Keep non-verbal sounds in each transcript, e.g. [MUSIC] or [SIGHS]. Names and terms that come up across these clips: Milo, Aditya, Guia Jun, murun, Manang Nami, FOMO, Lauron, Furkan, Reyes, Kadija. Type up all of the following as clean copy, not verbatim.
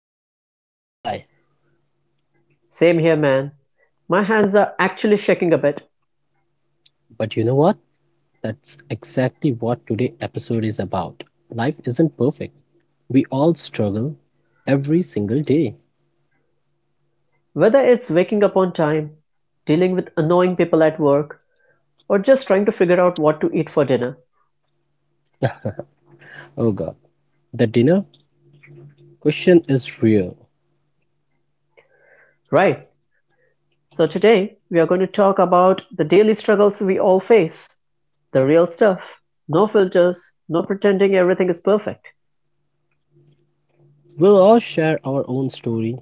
nervous, not gonna lie. Same here, man. My hands are actually shaking a bit. But you know what? That's exactly what today episode is about. Life isn't perfect. We all struggle every single day. Whether it's waking up on time, dealing with annoying people at work, or just trying to figure out what to eat for dinner. Oh god. The dinner question is real. Right, so today we are going to talk about the daily struggles we all face. The real stuff. No filters, no pretending everything is perfect. We'll all share our own story,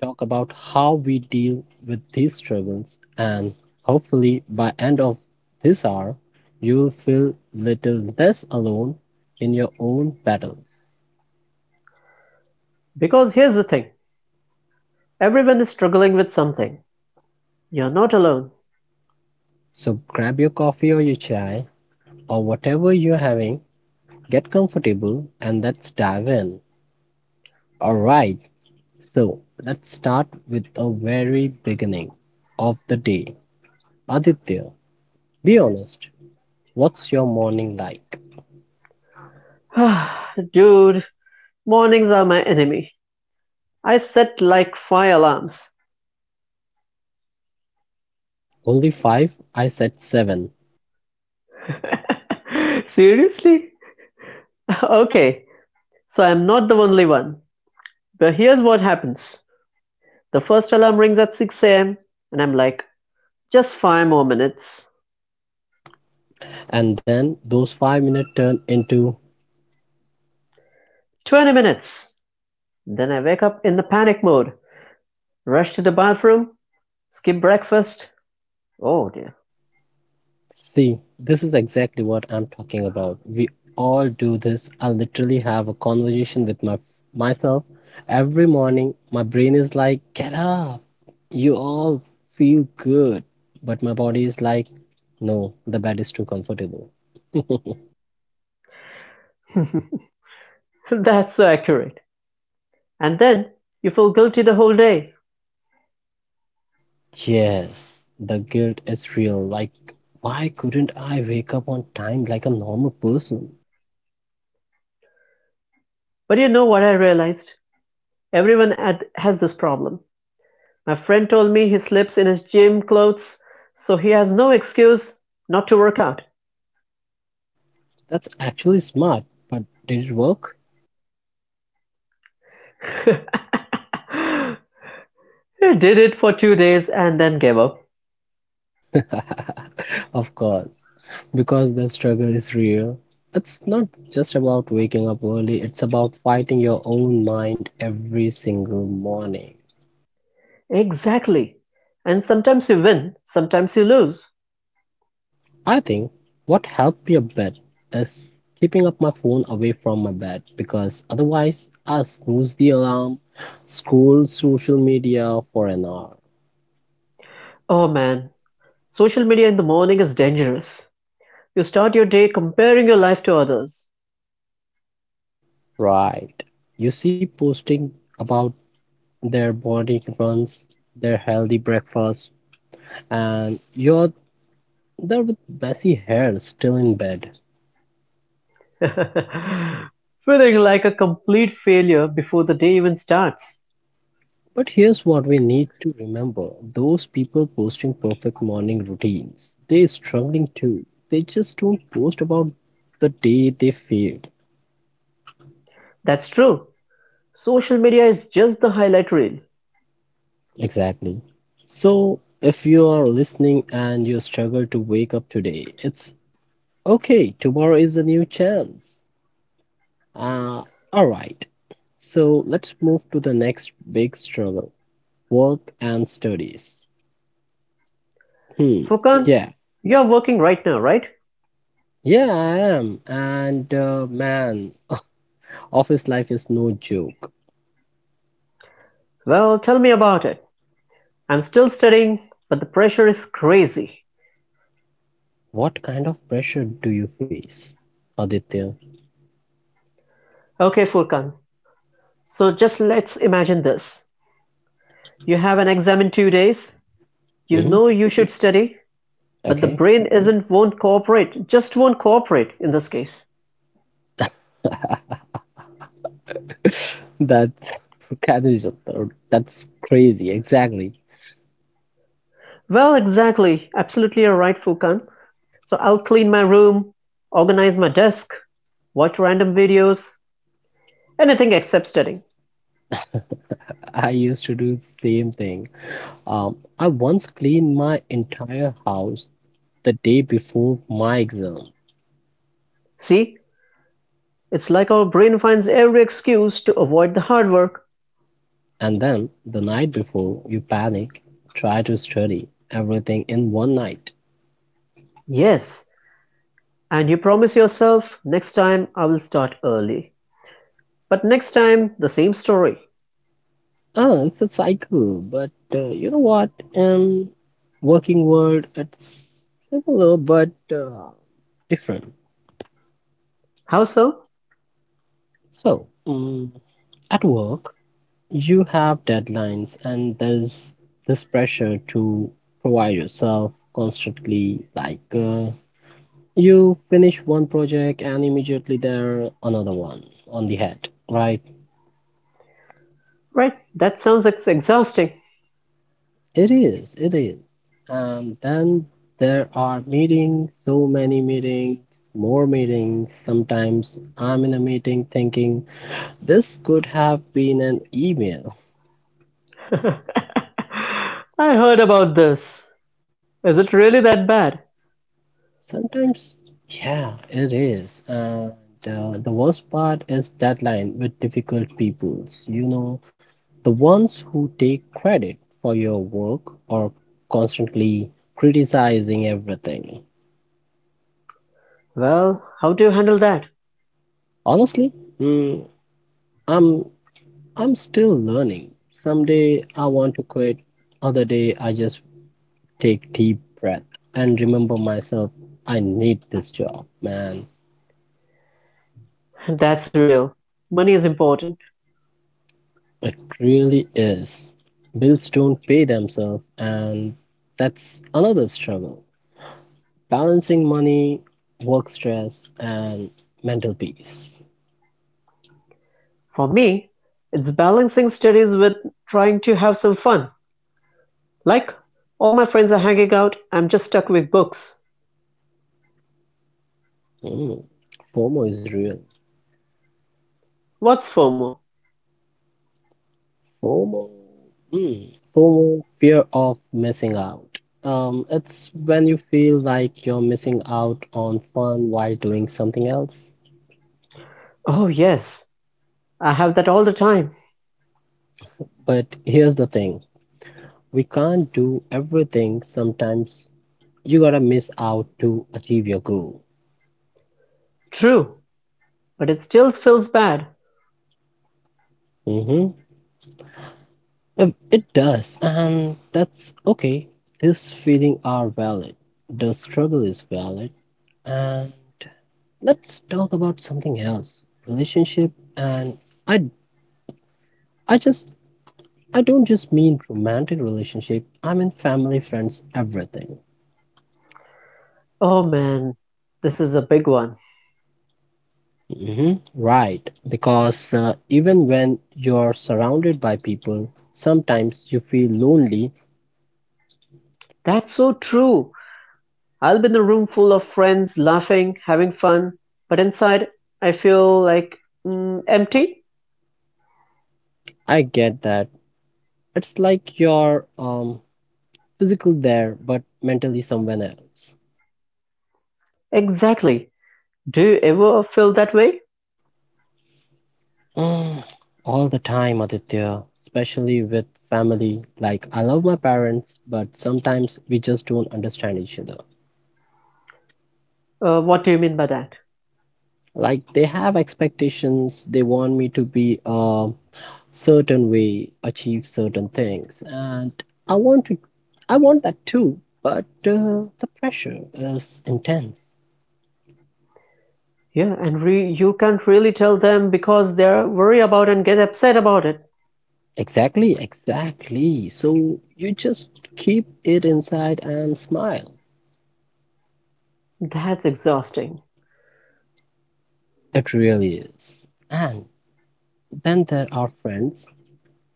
talk about how we deal with these struggles, and hopefully by end of this hour, you will feel little less alone in your own battles. Because here's the thing: everyone is struggling with something. You're not alone. So grab your coffee or your chai or whatever you're having, get comfortable, and let's dive in. All right. So let's start with a very beginning of the day. Aditya, be honest. What's your morning like? [SIGHS] Dude, mornings are my enemy. I set like five alarms. Only five? I said seven. [LAUGHS] Seriously? [LAUGHS] Okay, so I'm not the only one. But here's what happens: the first alarm rings at 6 a.m., and I'm like, just five more minutes, And then those 5 minutes turn into 20 minutes. Then I wake up in the panic mode, rush to the bathroom, skip breakfast. Oh dear. see, this is exactly what I'm talking about we all do this. I literally have a conversation with my myself every morning. My brain is like, get up, you all feel good, but my body is like, no, the bed is too comfortable. [LAUGHS] [LAUGHS] That's so accurate. And then you feel guilty the whole day. Yes, the guilt is real, like, why couldn't I wake up on time like a normal person? But you know what I realized? Everyone has this problem. My friend told me he sleeps in his gym clothes, so he has no excuse not to work out. That's actually smart, but did it work? [LAUGHS] He did it for 2 days and then gave up. [LAUGHS] Of course, because the struggle is real. It's not just about waking up early, it's about fighting your own mind every single morning. Exactly. And sometimes you win, sometimes you lose. I think what helped me a bit is keeping up my phone away from my bed because otherwise I snooze the alarm, scroll social media for an hour. Oh man, social media in the morning is dangerous. You start your day comparing your life to others, Right. You see posting about their morning runs, their healthy breakfast, and you're there with messy hair still in bed. [LAUGHS] feeling like a complete failure before the day even starts. But here's what we need to remember those people posting perfect morning routines, they're struggling too. They just don't post about the day they failed. That's true. Social media is just the highlight reel. Exactly. So, if you are listening and you struggle to wake up today, it's okay. Tomorrow is a new chance. Uh, all right. So, let's move to the next big struggle work and studies. Hmm, Furkan, yeah. you're working right now, right? Yeah, I am. And man, [LAUGHS] office life is no joke. Well, tell me about it. I'm still studying, but the pressure is crazy. What kind of pressure do you face, Aditya? Okay, Furkan. So just let's imagine this. You have an exam in 2 days. You know Hmm. you should study, but the Okay. brain isn't won't cooperate. Just won't cooperate in this case. [LAUGHS] That's Kadija, that's crazy. Exactly. Well, exactly. Absolutely you're right, Furkan. So I'll clean my room, organize my desk, watch random videos, anything except studying. I used to do the same thing. I once cleaned my entire house the day before my exam, See, it's like our brain finds every excuse to avoid the hard work. and then the night before, you panic, try to study everything in one night. Yes, and you promise yourself, next time I will start early. But next time, the same story. It's a cycle, but you know what? In working world, it's similar but different. How so? So, at work, you have deadlines, and there's this pressure to provide yourself constantly. Like, you finish one project, and immediately there another one on the head, right? Right, that sounds exhausting. It is, it is. And then there are meetings, so many meetings, more meetings. Sometimes I'm in a meeting thinking this could have been an email. [LAUGHS] I heard about this. Is it really that bad? Sometimes, yeah, it is. And the worst part is deadline with difficult peoples, the ones who take credit for your work or constantly criticizing everything. Well, how do you handle that? Honestly, mm, I'm I'm still learning. Some day I want to quit, other day I just take deep breath and remember myself I need this job, man. [LAUGHS] That's real. Money is important. It really is. Bills don't pay themselves and that's another struggle. Balancing money, work stress and mental peace. For me, it's balancing studies with trying to have some fun. Like, all my friends are hanging out, I'm just stuck with books. Mm, FOMO is real. What's FOMO? FOMO, mm, FOMO, fear of missing out. It's when you feel like you're missing out on fun while doing something else. Oh, yes, I have that all the time. But here's the thing, we can't do everything. Sometimes you gotta miss out to achieve your goal. True, but it still feels bad. Mm-hmm. If it does, and that's okay. These feelings are valid. The struggle is valid. And let's talk about something else, relationship and I I just I don't just mean romantic relationship. I mean family, friends, everything. Oh man, this is a big one. Hmm. Right, because even when you're surrounded by people, sometimes you feel lonely. That's so true. I'll be in a room full of friends, laughing, having fun, but inside I feel like empty. I get that. It's like you're physical there but mentally somewhere else. Exactly. Do you ever feel that way? Mm, all the time, Aditya, especially with family. Like I love my parents, but sometimes we just don't understand each other. What do you mean by that? Like they have expectations. They want me to be a certain way, achieve certain things, and I want to. I want that too, but the pressure is intense. Yeah, and you can't really tell them because they're worried about and get upset about it. Exactly, exactly. So you just keep it inside and smile. That's exhausting. It really is. And then there are friends,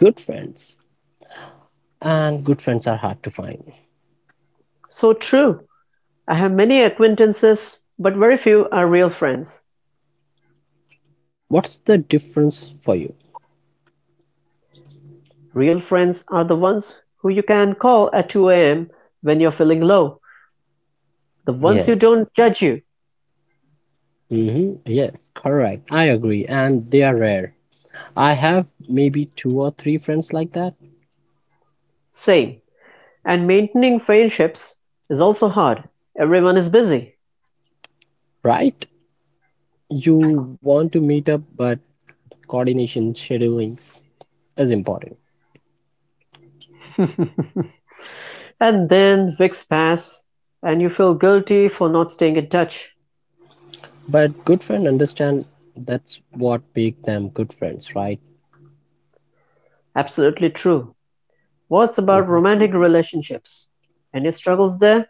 good friends, and good friends are hard to find. So true. I have many acquaintances, but very few are real friends. What's the difference for you? Real friends are the ones who you can call at 2 a.m. when you're feeling low, the ones who don't Yes. judge you. Mhm. Yes, correct. I agree. And they are rare. I have maybe two or three friends like that, Same. And maintaining friendships is also hard. Everyone is busy. right? You want to meet up, but coordination, scheduling is important. [LAUGHS] And then weeks pass and you feel guilty for not staying in touch. But good friend understand that's what make them good friends, right? Absolutely true. What's about Mhm. romantic relationships? Any struggles there?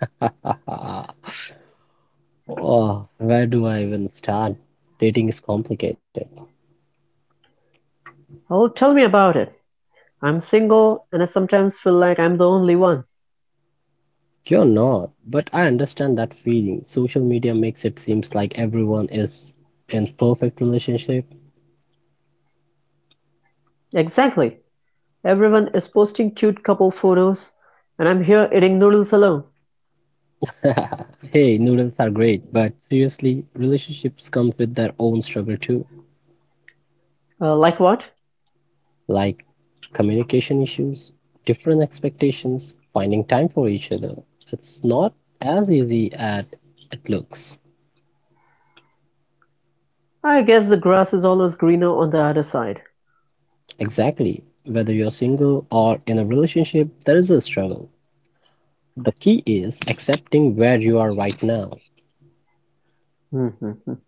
[LAUGHS] Oh, where do I even start? Dating is complicated. Oh, tell me about it. I'm single and I sometimes feel like I'm the only one. You're not, but I understand that feeling. Social media makes it seems like everyone is in perfect relationship. Exactly. Everyone is posting cute couple photos, and I'm here eating noodles alone. [LAUGHS] Hey, noodles are great, but seriously, relationships come with their own struggle too, Like what? like communication issues, different expectations, finding time for each other. It's not as easy as it looks. I guess the grass is always greener on the other side. Exactly. Whether you're single or in a relationship, there is a struggle. The key is accepting where you are right now. Mhm.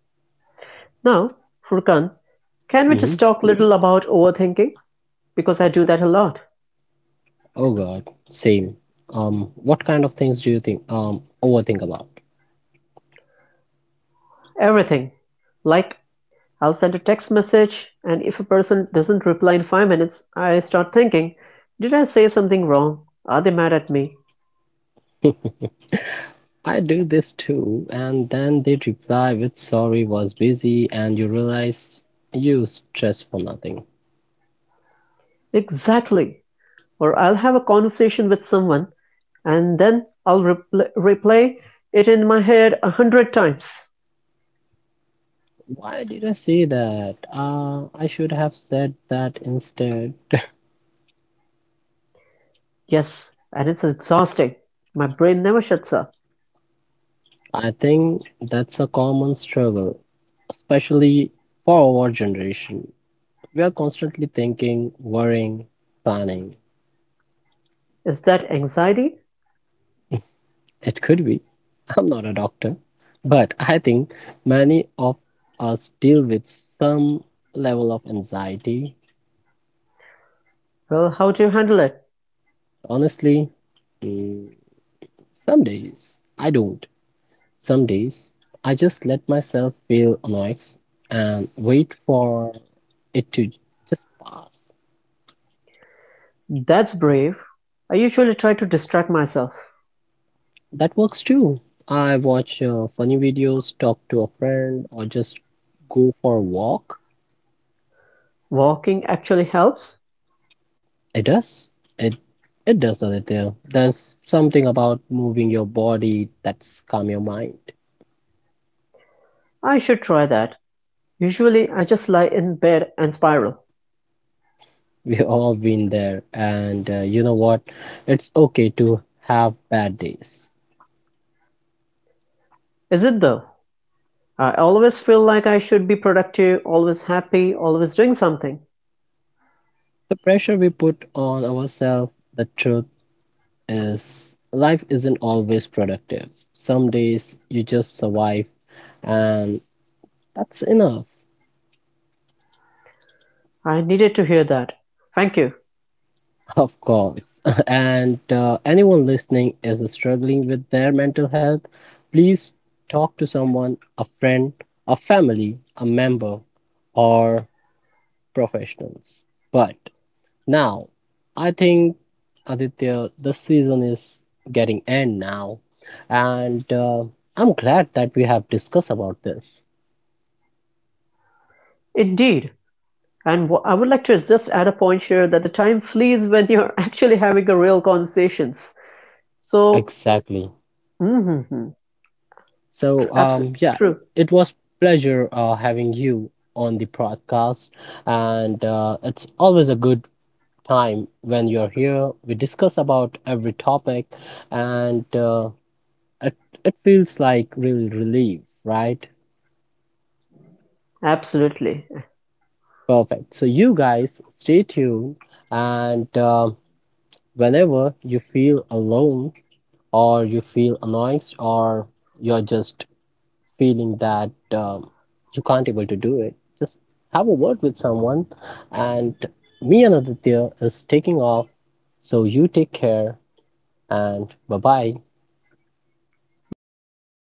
Now, Furkan, can we Hmm. just talk a little about overthinking? Because I do that a lot. Oh God, same. What kind of things do you think, overthink about? Everything. Like, I'll send a text message, and if a person doesn't reply in 5 minutes, I start thinking, did I say something wrong? Are they mad at me? [LAUGHS] I do this too, and then they reply with sorry was busy and you realize you stress for nothing. Exactly. Or I'll have a conversation with someone. And then I'll replay it in my head 100 times. Why did I say that? I should have said that instead. Yes, and it's exhausting. My brain never shuts up. I think that's a common struggle, especially for our generation. We are constantly thinking, worrying, planning. Is that anxiety? It could be. [LAUGHS] I'm not a doctor, but I think many of us deal with some level of anxiety. Well, how do you handle it? Honestly, mm, some days I don't. Some days I just let myself feel annoyed and wait for it to just pass. That's brave. I usually try to distract myself. That works too. I watch funny videos, talk to a friend, or just go for a walk. Walking actually helps? It does. It it does, Aditya. There's something about moving your body that's calm your mind. I should try that. Usually, I just lie in bed and spiral. [LAUGHS] We've all been there, and you know what? It's okay to have bad days. Is it though? I always feel like I should be productive, always happy, always doing something. The pressure we put on ourselves, the truth is, life isn't always productive. Some days you just survive, and that's enough. I needed to hear that. Thank you. Of course. [LAUGHS] And anyone listening is struggling with their mental health, please talk to someone, a friend, a family, a member, or professionals. But now, I think Aditya, the season is getting end now, and I'm glad that we have discussed about this. Indeed. And I would like to just add a point here that the time flees when you're [LAUGHS] actually having a real conversations. So, Exactly. mm-hmm, So true, yeah, true, it was pleasure having you on the podcast, and it's always a good time when you're here. We discuss about every topic, and it it feels like really relief, right? absolutely. Perfect. So you guys stay tuned, and whenever you feel alone or you feel annoyed or you're just feeling that you can't able to do it, just have a word with someone. And me and Aditya is taking off. So you take care and bye bye. Bye bye.